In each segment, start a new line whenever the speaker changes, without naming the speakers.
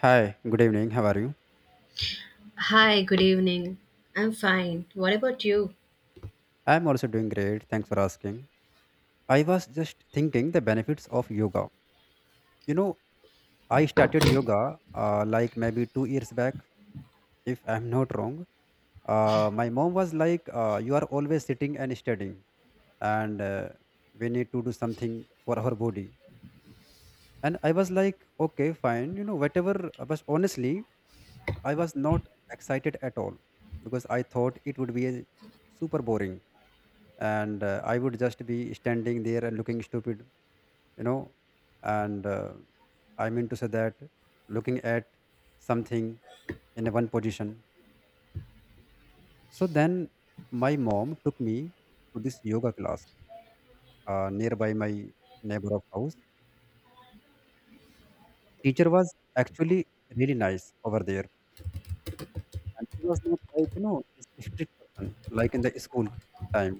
Hi, good evening. How are you?
Hi, good evening. I'm fine. What about you?
I'm also doing great. Thanks for asking. I was just thinking the benefits of yoga. You know, I started yoga like maybe 2 years back, if I'm not wrong. My mom was like, "You are always sitting and studying, and we need to do something for our body." And I was like, "Okay, fine. You know, whatever." But honestly, I was not excited at all, because I thought it would be a super boring, and I would just be standing there and looking stupid. you know and I mean to say that, looking at something in a one position. So then my mom took me to this yoga class nearby my neighbor of house. Teacher was actually really nice over there, and she was not like, this strict person like in the school time.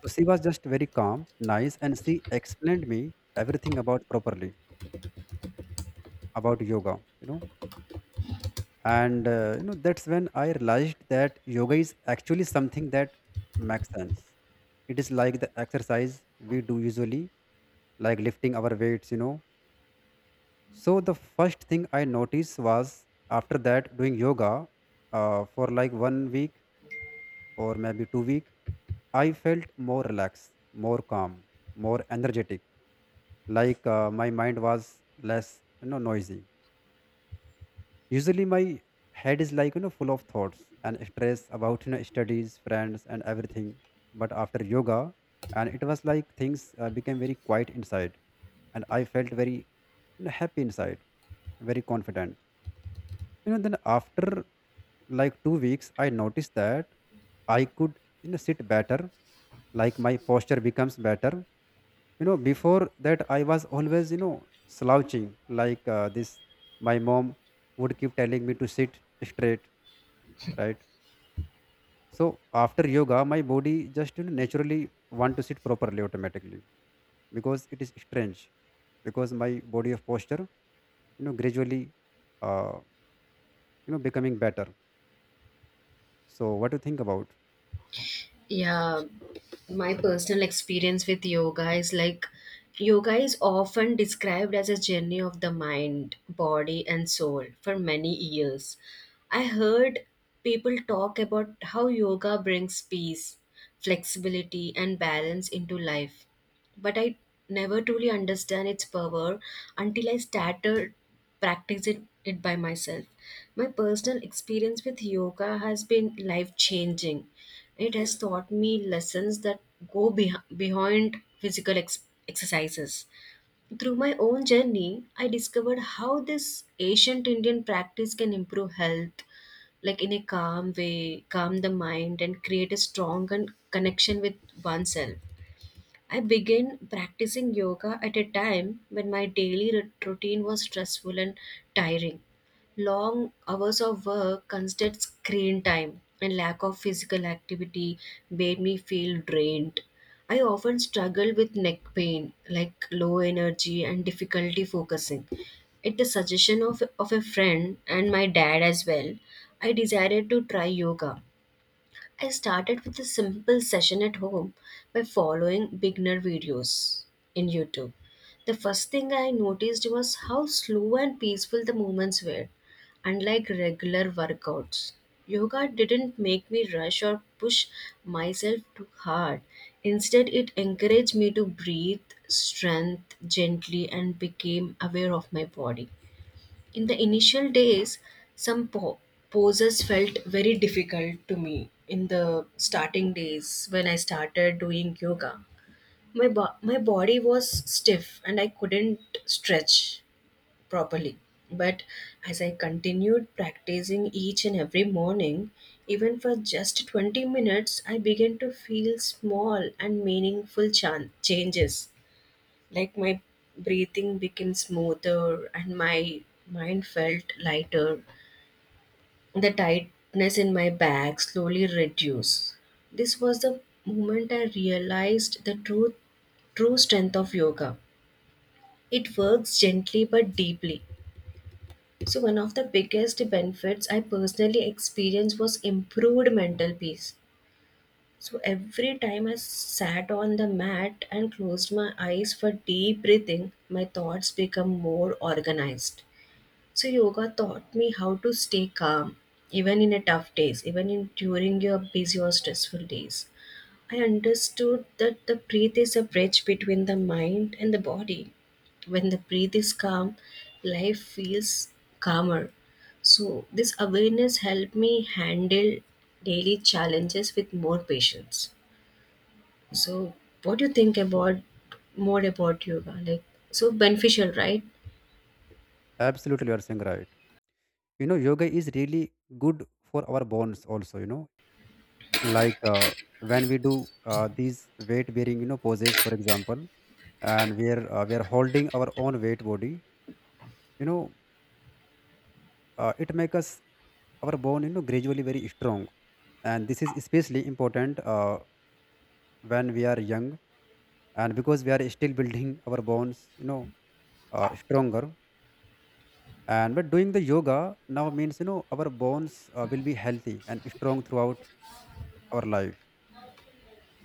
So she was just very calm, nice, and she explained me everything about properly about yoga. you know and that's when I realized that yoga is actually something that makes sense. It is like the exercise we do usually, like lifting our weights, you know. So the first thing I noticed was after that doing yoga for like one week or maybe 2 week, I felt more relaxed, more calm, more energetic. Like my mind was less, you know, noisy. Usually my head is like, you know, full of thoughts and stress about, you know, studies, friends and everything. But after yoga, and it was like things became very quiet inside, and I felt very, you know, happy inside, very confident. You know, then after like 2 weeks, I noticed that I could, you know, sit better, like my posture becomes better. Before that I was always, you know, slouching, like this. My mom would keep telling me to sit straight, right? So after yoga my body just, you know, naturally want to sit properly automatically, because it is strange, because my body of posture, you know, gradually, uh, you know, becoming better. So what do you think about?
Yeah, my personal experience with yoga is like yoga is often described as a journey of the mind, body, and soul for many years. I heard people talk about how yoga brings peace, flexibility, and balance into life, but I never truly understand its power until I started practicing it by myself. My personal experience with yoga has been life changing. It has taught me lessons that go behind physical exercises. Through my own journey, I discovered how this ancient Indian practice can improve health, like in a calm way, calm the mind, and create a strong connection with oneself. I began practicing yoga at a time when my daily routine was stressful and tiring. Long hours of work, constant screen time, and lack of physical activity made me feel drained. I often struggled with neck pain, like low energy and difficulty focusing. At the suggestion of a friend and my dad as well, I decided to try yoga. I started with a simple session at home by following beginner videos in YouTube. The first thing I noticed was how slow and peaceful the movements were, unlike regular workouts. Yoga didn't make me rush or push myself too hard. Instead, it encouraged me to breathe, strength gently, and became aware of my body. In the initial days, some poses felt very difficult to me in the starting days when I started doing yoga. My body was stiff and I couldn't stretch properly. But as I continued practicing each and every morning, even for just 20 minutes, I began to feel small and meaningful changes. Like my breathing became smoother and my mind felt lighter. The tightness in my bag slowly reduced. This was the moment I realized the true strength of yoga. It works gently but deeply. So, one of the biggest benefits I personally experienced was improved mental peace. So every time I sat on the mat and closed my eyes for deep breathing, my thoughts become more organized. So yoga taught me how to stay calm even in a tough days, even in during your busy or stressful days. I understood that the breath is a bridge between the mind and the body. When the breath is calm, life feels calmer. So this awareness helped me handle daily challenges with more patience. So, what do you think about more about yoga? Like, so beneficial, right?
Absolutely, you are saying right. You know, yoga is really good for our bones also, you know. Like when we do these weight bearing, you know, poses, for example. And we are holding our own weight body, you know. It makes us our bone, you know, gradually very strong. And this is especially important when we are young, and because we are still building our bones, you know, stronger. And but doing the yoga now means, you know, our bones will be healthy and strong throughout our life.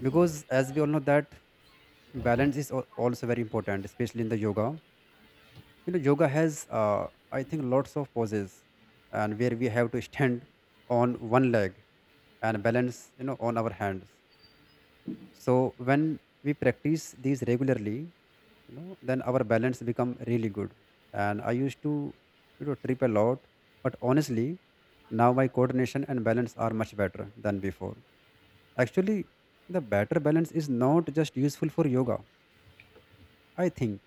Because as we all know that balance is also very important, especially in the yoga. You know, yoga has I think lots of poses, and where we have to stand on one leg, and balance, you know, on our hands. So when we practice these regularly, you know, then our balance become really good. And I used to, you know, trip a lot. But honestly, now my coordination and balance are much better than before. Actually, the better balance is not just useful for yoga, I think,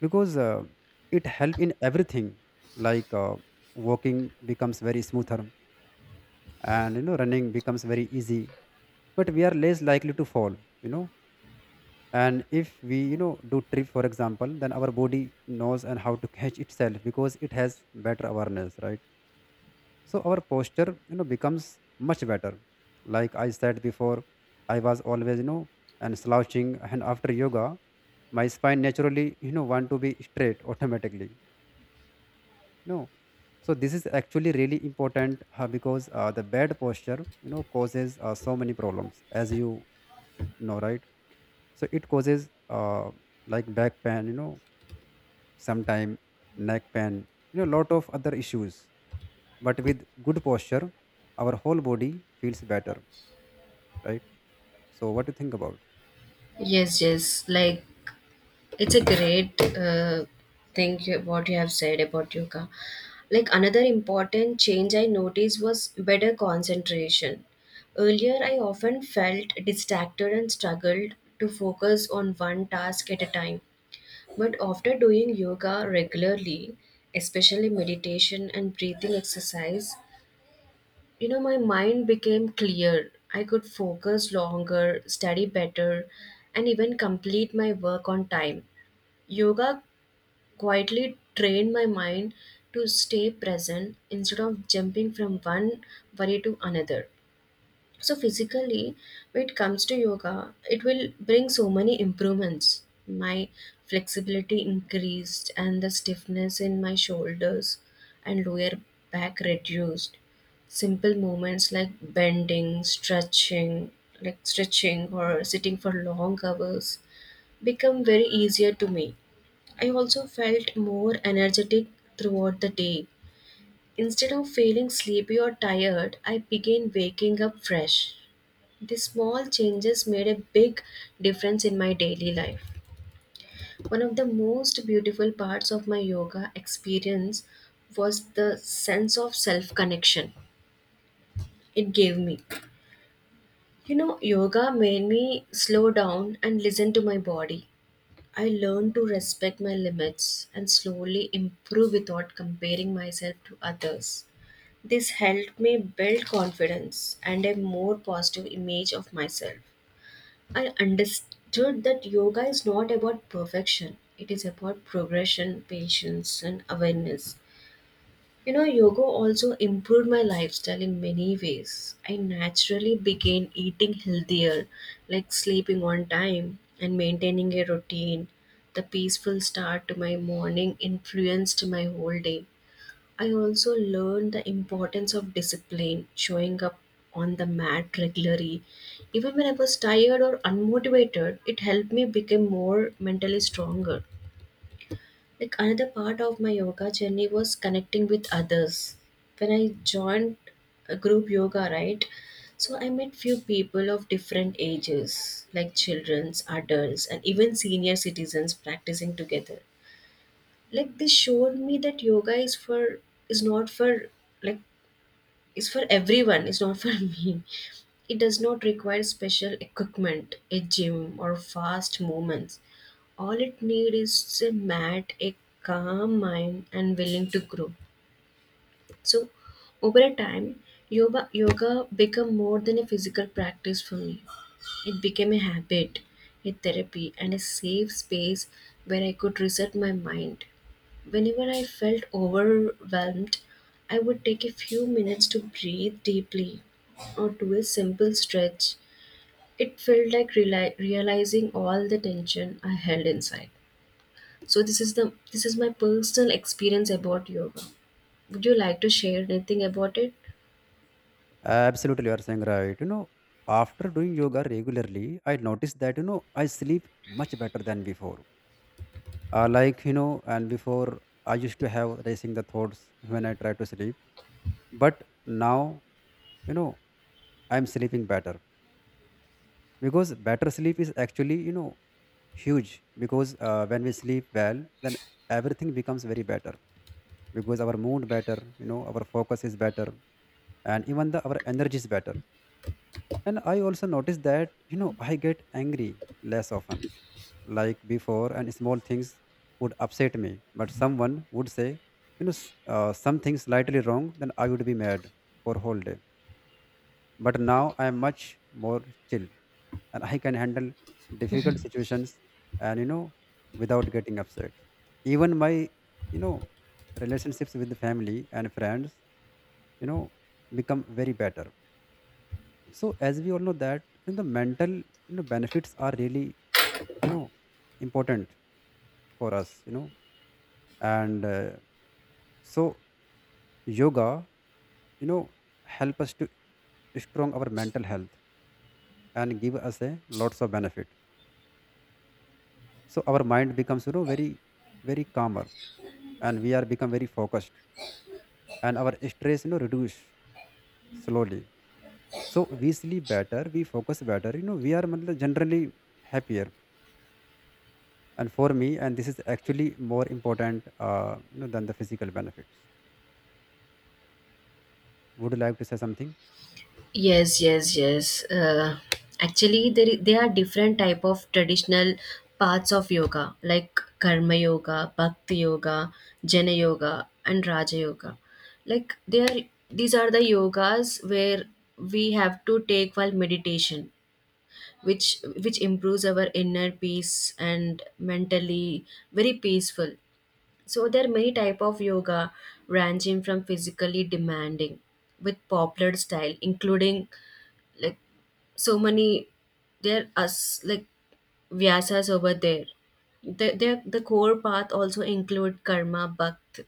because it helps in everything, like walking becomes very smoother, and, you know, running becomes very easy. But we are less likely to fall, you know. And if we, you know, do trip for example, then our body knows and how to catch itself, because it has better awareness, right? So our posture, you know, becomes much better. Like I said before, I was always, you know, and slouching, and after yoga, my spine naturally, you know, want to be straight automatically. No. So this is actually really important because the bad posture, you know, causes so many problems, as you know, right? So it causes like back pain, you know, sometime neck pain, you know, lot of other issues. But with good posture, our whole body feels better, right? So what do you think about?
Yes, yes. Like, it's a great thing, what you have said about yoga. Like, another important change I noticed was better concentration. Earlier, I often felt distracted and struggled to focus on one task at a time. But after doing yoga regularly, especially meditation and breathing exercise, my mind became clear. I could focus longer, study better, and even complete my work on time. Yoga quietly trained my mind to stay present instead of jumping from one worry to another. So physically, when it comes to yoga, it will bring so many improvements. My flexibility increased and the stiffness in my shoulders and lower back reduced. Simple movements like bending, stretching, like stretching or sitting for long hours become very easier to me. I also felt more energetic throughout the day. Instead of feeling sleepy or tired, I began waking up fresh. The small changes made a big difference in my daily life. One of the most beautiful parts of my yoga experience was the sense of self connection it gave me. You know, yoga made me slow down and listen to my body. I learned to respect my limits and slowly improve without comparing myself to others. This helped me build confidence and a more positive image of myself. I understood that yoga is not about perfection. It is about progression, patience, and awareness. You know, yoga also improved my lifestyle in many ways. I naturally began eating healthier, like sleeping on time and maintaining a routine. The peaceful start to my morning influenced my whole day. I also learned the importance of discipline, showing up on the mat regularly. Even when I was tired or unmotivated, it helped me become more mentally stronger. Like another part of my yoga journey was connecting with others. When I joined a group yoga, right? So I met few people of different ages, like childrens, adults, and even senior citizens practicing together. Like this showed me that yoga is not for like is for everyone. It's not for me. It does not require special equipment, a gym or fast movements. All it needs is a mat, a calm mind, and willing to grow. So over a time, yoga become more than a physical practice for me. It became a habit, a therapy, and a safe space where I could reset my mind. Whenever I felt overwhelmed, I would take a few minutes to breathe deeply or do a simple stretch. It felt like realizing all the tension I held inside. So this is my personal experience about yoga. Would you like to share anything about it?
Absolutely, you are saying right. You know, after doing yoga regularly, I noticed that, you know, I sleep much better than before, like, you know. And before I used to have racing the thoughts when I try to sleep. But now, you know, I'm sleeping better. Because better sleep is actually, you know, huge, because when we sleep well then everything becomes very better, because our mood better, you know, our focus is better, and even the our energy is better. And I also noticed that, you know, I get angry less often like before. And small things would upset me, but someone would say, something slightly wrong, then I would be mad for whole day. But now I am much more chill, and I can handle difficult situations, and, you know, without getting upset. Even my, you know, relationships with the family and friends, you know, become very better. So as we all know that, you know, the mental, you know, benefits are really, you know, important for us, you know. And so yoga, you know, help us to strong our mental health, and give us a lots of benefit. So our mind becomes, you know, very very calmer, and we are become very focused, and our stress, you know, reduce slowly. So we sleep better, we focus better, you know, we are matlab, generally happier. And for me, and this is actually more important you know, than the physical benefits. Would you like to say something?
Yes, yes, yes. Actually, there are different type of traditional parts of yoga, like karma yoga, bhakti yoga, jnana yoga, and raja yoga. Like they are, these are the yogas where we have to take while meditation, which improves our inner peace and mentally very peaceful. So there are many type of yoga, ranging from physically demanding with popular style, including like so many there are like vyasas over there. The core path also include karma bhakt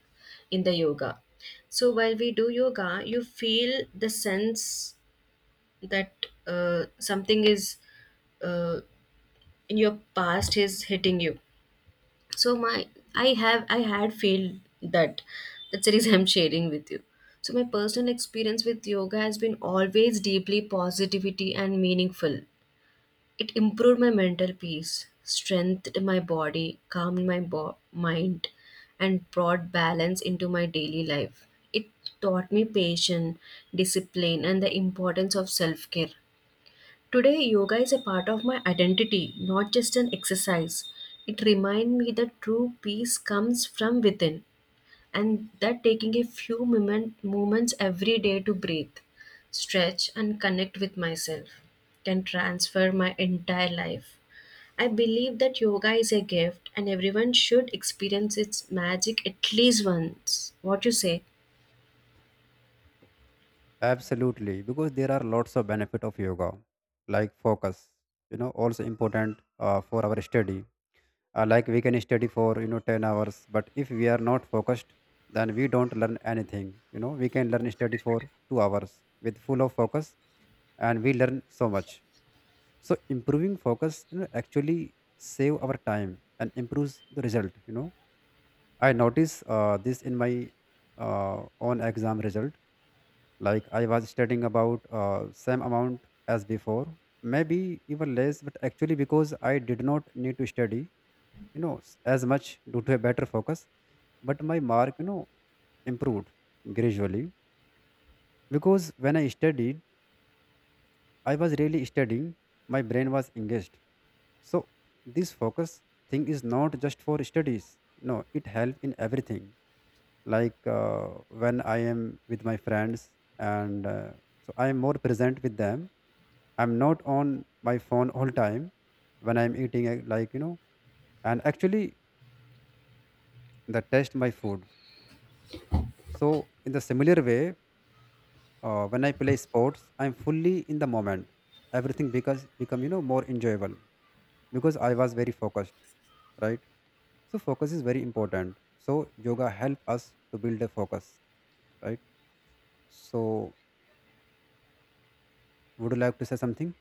in the yoga. So while we do yoga you feel the sense that something is uh, in your past is hitting you. So my I had feel that. That's the reason I'm sharing with you. So my personal experience with yoga has been always deeply positivity and meaningful. It improved my mental peace, strengthened my body, calmed my mind, and brought balance into my daily life. It taught me patience, discipline, and the importance of self care. Today, yoga is a part of my identity, not just an exercise. It reminds me that true peace comes from within and that taking a few moments every day to breathe, stretch, and connect with myself can transfer my entire life. I believe that yoga is a gift and everyone should experience its magic at least once. What you say?
Absolutely, because there are lots of benefit of yoga, like focus. You know, also important for our study. Like we can study for, you know, 10 hours, but if we are not focused, then we don't learn anything. You know, we can learn study for 2 hours with full of focus, and we learn so much. So improving focus, you know, actually save our time and improves the result. You know, I notice this in my own exam result, like I was studying about same amount as before, maybe even less, but actually because I did not need to study, as much due to a better focus. But my mark, you know, improved gradually, because when I studied, I was really studying, my brain was engaged. So this focus thing is not just for studies. No, it help in everything, like when I am with my friends, and so I am more present with them. I'm not on my phone all time when I'm eating, like, you know, and actually the taste my food. So in the similar way, when I play sports, I'm fully in the moment, everything because become, you know, more enjoyable, because I was very focused, right? So focus is very important. So yoga help us to build a focus, right? So would you like to say something?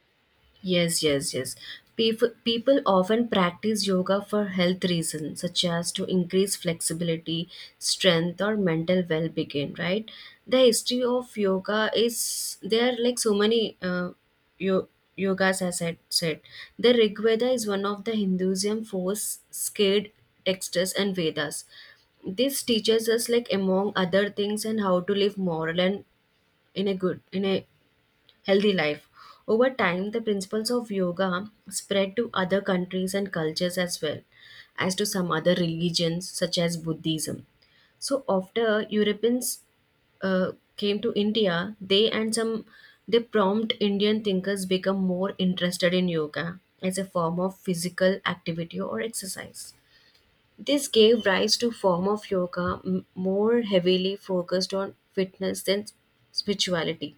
Yes, yes, yes. People often practice yoga for health reasons, such as to increase flexibility, strength, or mental well being, right? The history of yoga is there are like so many yo- yogas, as I said. The Rig Veda is one of the Hinduism four scared texts and Vedas. This teaches us, like among other things, and how to live moral and in a healthy life. Over time, the principles of yoga spread to other countries and cultures as well as to some other religions such as Buddhism. So after Europeans uh, came to India, they and some they prompt Indian thinkers become more interested in yoga as a form of physical activity or exercise. This gave rise to form of yoga more heavily focused on fitness than spirituality.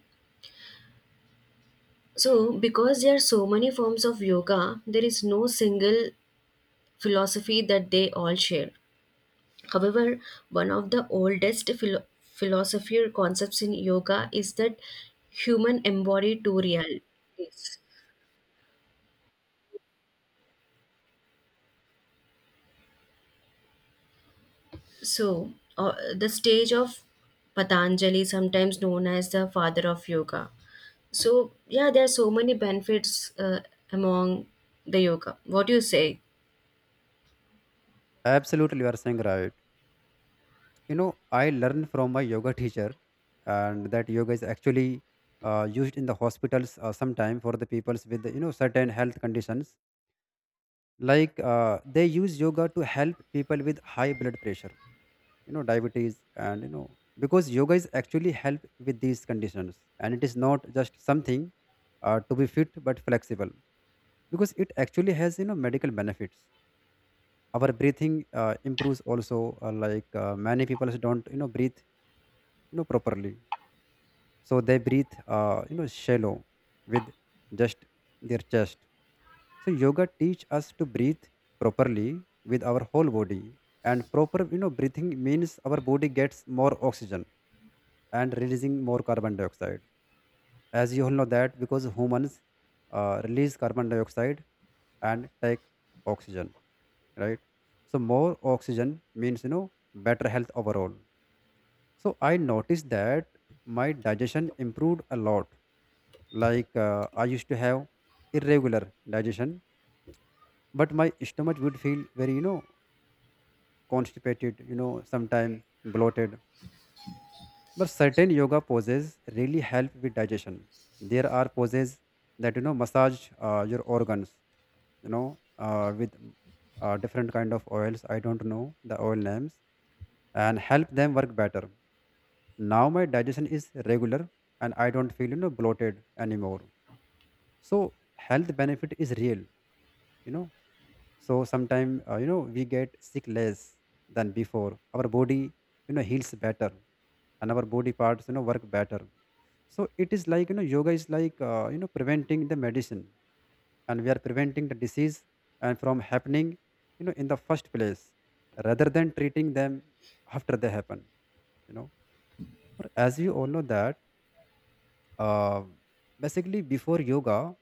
So, because there are so many forms of yoga, there is no single philosophy that they all share. However, one of the oldest philosophy or concepts in yoga is that human embody two realities. So, the stage of Patanjali, sometimes known as the father of yoga. So, yeah, there are so many benefits among the yoga. What do you say?
Absolutely, you are saying right. You know, I learned from my yoga teacher and that yoga is actually used in the hospitals, sometime for the peoples with, you know, certain health conditions. Like they use yoga to help people with high blood pressure, you know, diabetes, and, you know, because yoga is actually help with these conditions, and it is not just something to be fit but flexible, because it actually has, you know, medical benefits. Our breathing improves also, like many people don't, you know, breathe, you know, properly. So they breathe you know, shallow, with just their chest. So yoga teach us to breathe properly with our whole body. And proper, you know, breathing means our body gets more oxygen, and releasing more carbon dioxide. As you all know that, because humans release carbon dioxide and take oxygen, right? So more oxygen means, you know, better health overall. So I noticed that my digestion improved a lot. Like I used to have irregular digestion, but my stomach would feel very, you know, constipated, you know, sometimes bloated. But certain yoga poses really help with digestion. There are poses that, you know, massage your organs, with different kind of oils, I don't know the oil names, and help them work better. Now my digestion is regular, and I don't feel, you know, bloated anymore. So health benefit is real, you know. So sometimes you know, we get sick less than before. Our body, you know, heals better, and our body parts, you know, work better. So it is like, you know, yoga is like, you know, preventing the medicine, and we are preventing the disease and from happening, you know, in the first place, rather than treating them after they happen, you know. Or as we all know that uh, basically, before yoga,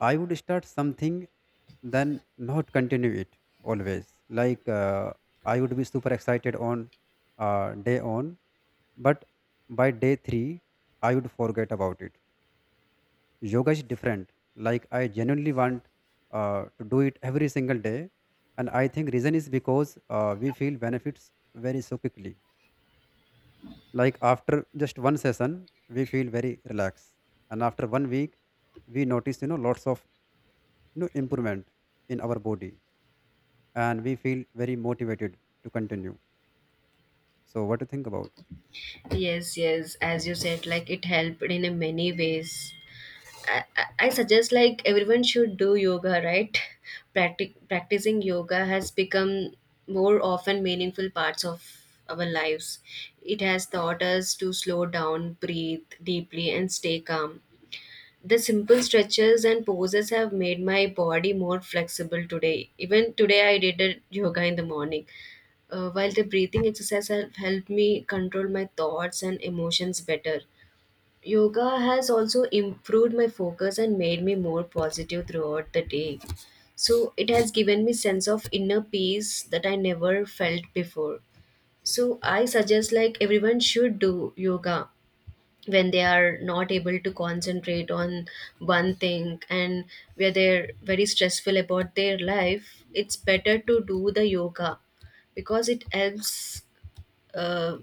I would start something, then not continue it always. Like I would be super excited on day on, but by day three, I would forget about it. Yoga is different. Like I genuinely want to do it every single day. And I think reason is because we feel benefits very so quickly. Like after just one session, we feel very relaxed, and after one week, we notice, you know, lots of, you know, improvement in our body, and we feel very motivated to continue. So, what do you think about?
Yes, yes, as you said, like it helped in a many ways. I suggest like everyone should do yoga, right? Practicing yoga has become more often meaningful parts of our lives. It has taught us to slow down, breathe deeply, and stay calm. The simple stretches and poses have made my body more flexible today. Even today, I did a yoga in the morning. While the breathing exercise have helped me control my thoughts and emotions better. Yoga has also improved my focus and made me more positive throughout the day. So it has given me sense of inner peace that I never felt before. So I suggest like everyone should do yoga when they are not able to concentrate on one thing and where they're very stressful about their life. It's better to do the yoga because it helps uh,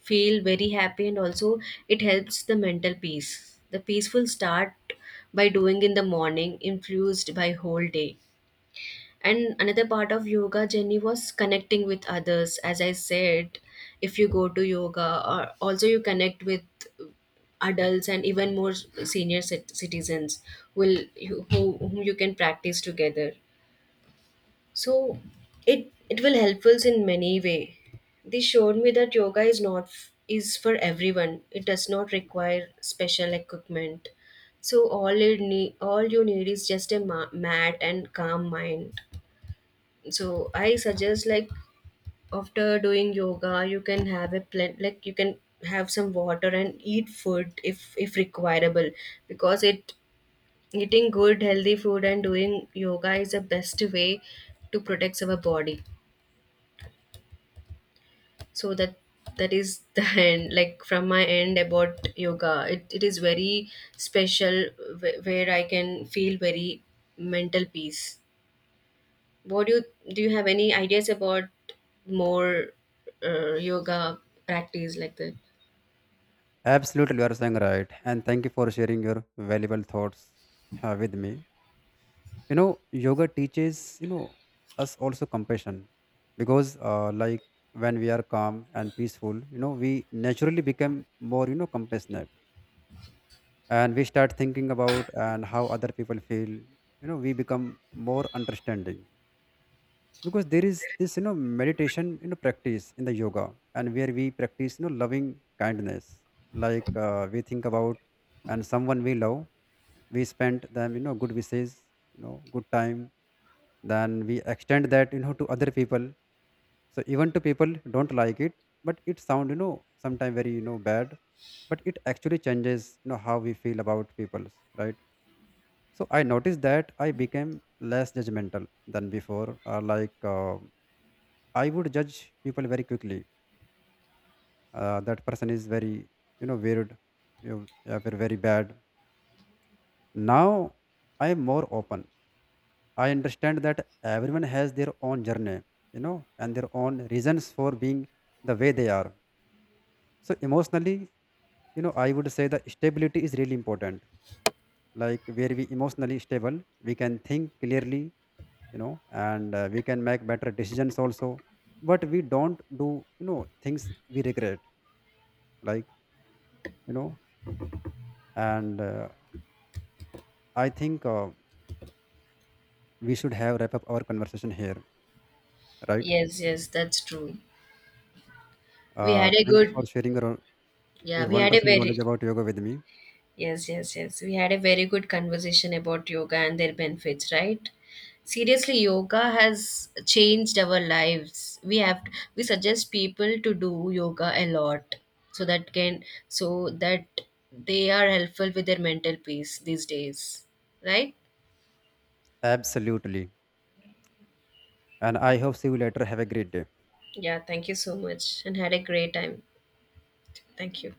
feel very happy, and also it helps the mental peace, the peaceful start by doing in the morning influenced by whole day. And another part of yoga journey was connecting with others, as I said. If you go to yoga or also you connect with adults and even more senior citizens will, whom you can practice together. So it will help us in many way. They showed me that yoga is not f- is for everyone. It does not require special equipment. So all you need is just a mat and calm mind. So I suggest like after doing yoga you can have a plant, like you can have some water and eat food if requireable, because it eating good healthy food and doing yoga is the best way to protect our body. So that is the end, like from my end about yoga. It is very special, where I can feel very mental peace. What do you do you have any ideas about more yoga practice like that?
Absolutely, you are saying right. And thank you for sharing your valuable thoughts with me. You know, yoga teaches, you know, us also compassion, because, like, when we are calm and peaceful, you know, we naturally become more, you know, compassionate, and we start thinking about and how other people feel. You know, we become more understanding, because there is this, you know, meditation, you know, practice in the yoga, and where we practice, you know, loving kindness. Like we think about and someone we love, we spend them, you know, good wishes, you know, good time, then we extend that, you know, to other people. So even to people who don't like it, but it sound, you know, sometimes very, you know, bad, but it actually changes, you know, how we feel about people, right? So I noticed that I became less judgmental than before, like, I would judge people very quickly. That person is very, you know, weird. You are very bad. Now I am more open. I understand that everyone has their own journey, you know, and their own reasons for being the way they are. So emotionally, you know, I would say the stability is really important. Like where we emotionally stable, we can think clearly, you know, and we can make better decisions also. But we don't do, you know, things we regret. Like, you know and I think we should have wrap up our conversation here, right?
Yes, yes, that's true. We
uh,
had a
thank you for
good.
sharing your,
Yeah,
your
we had a
wonderful
very.
knowledge about yoga with me.
Yes, yes, yes. We had a very good conversation about yoga and their benefits, right? Seriously, yoga has changed our lives. We suggest people to do yoga a lot, so that can so that they are helpful with their mental peace these days, right?
Absolutely, and I hope see you later, have a great day.
Yeah, thank you so much and had a great time. Thank you.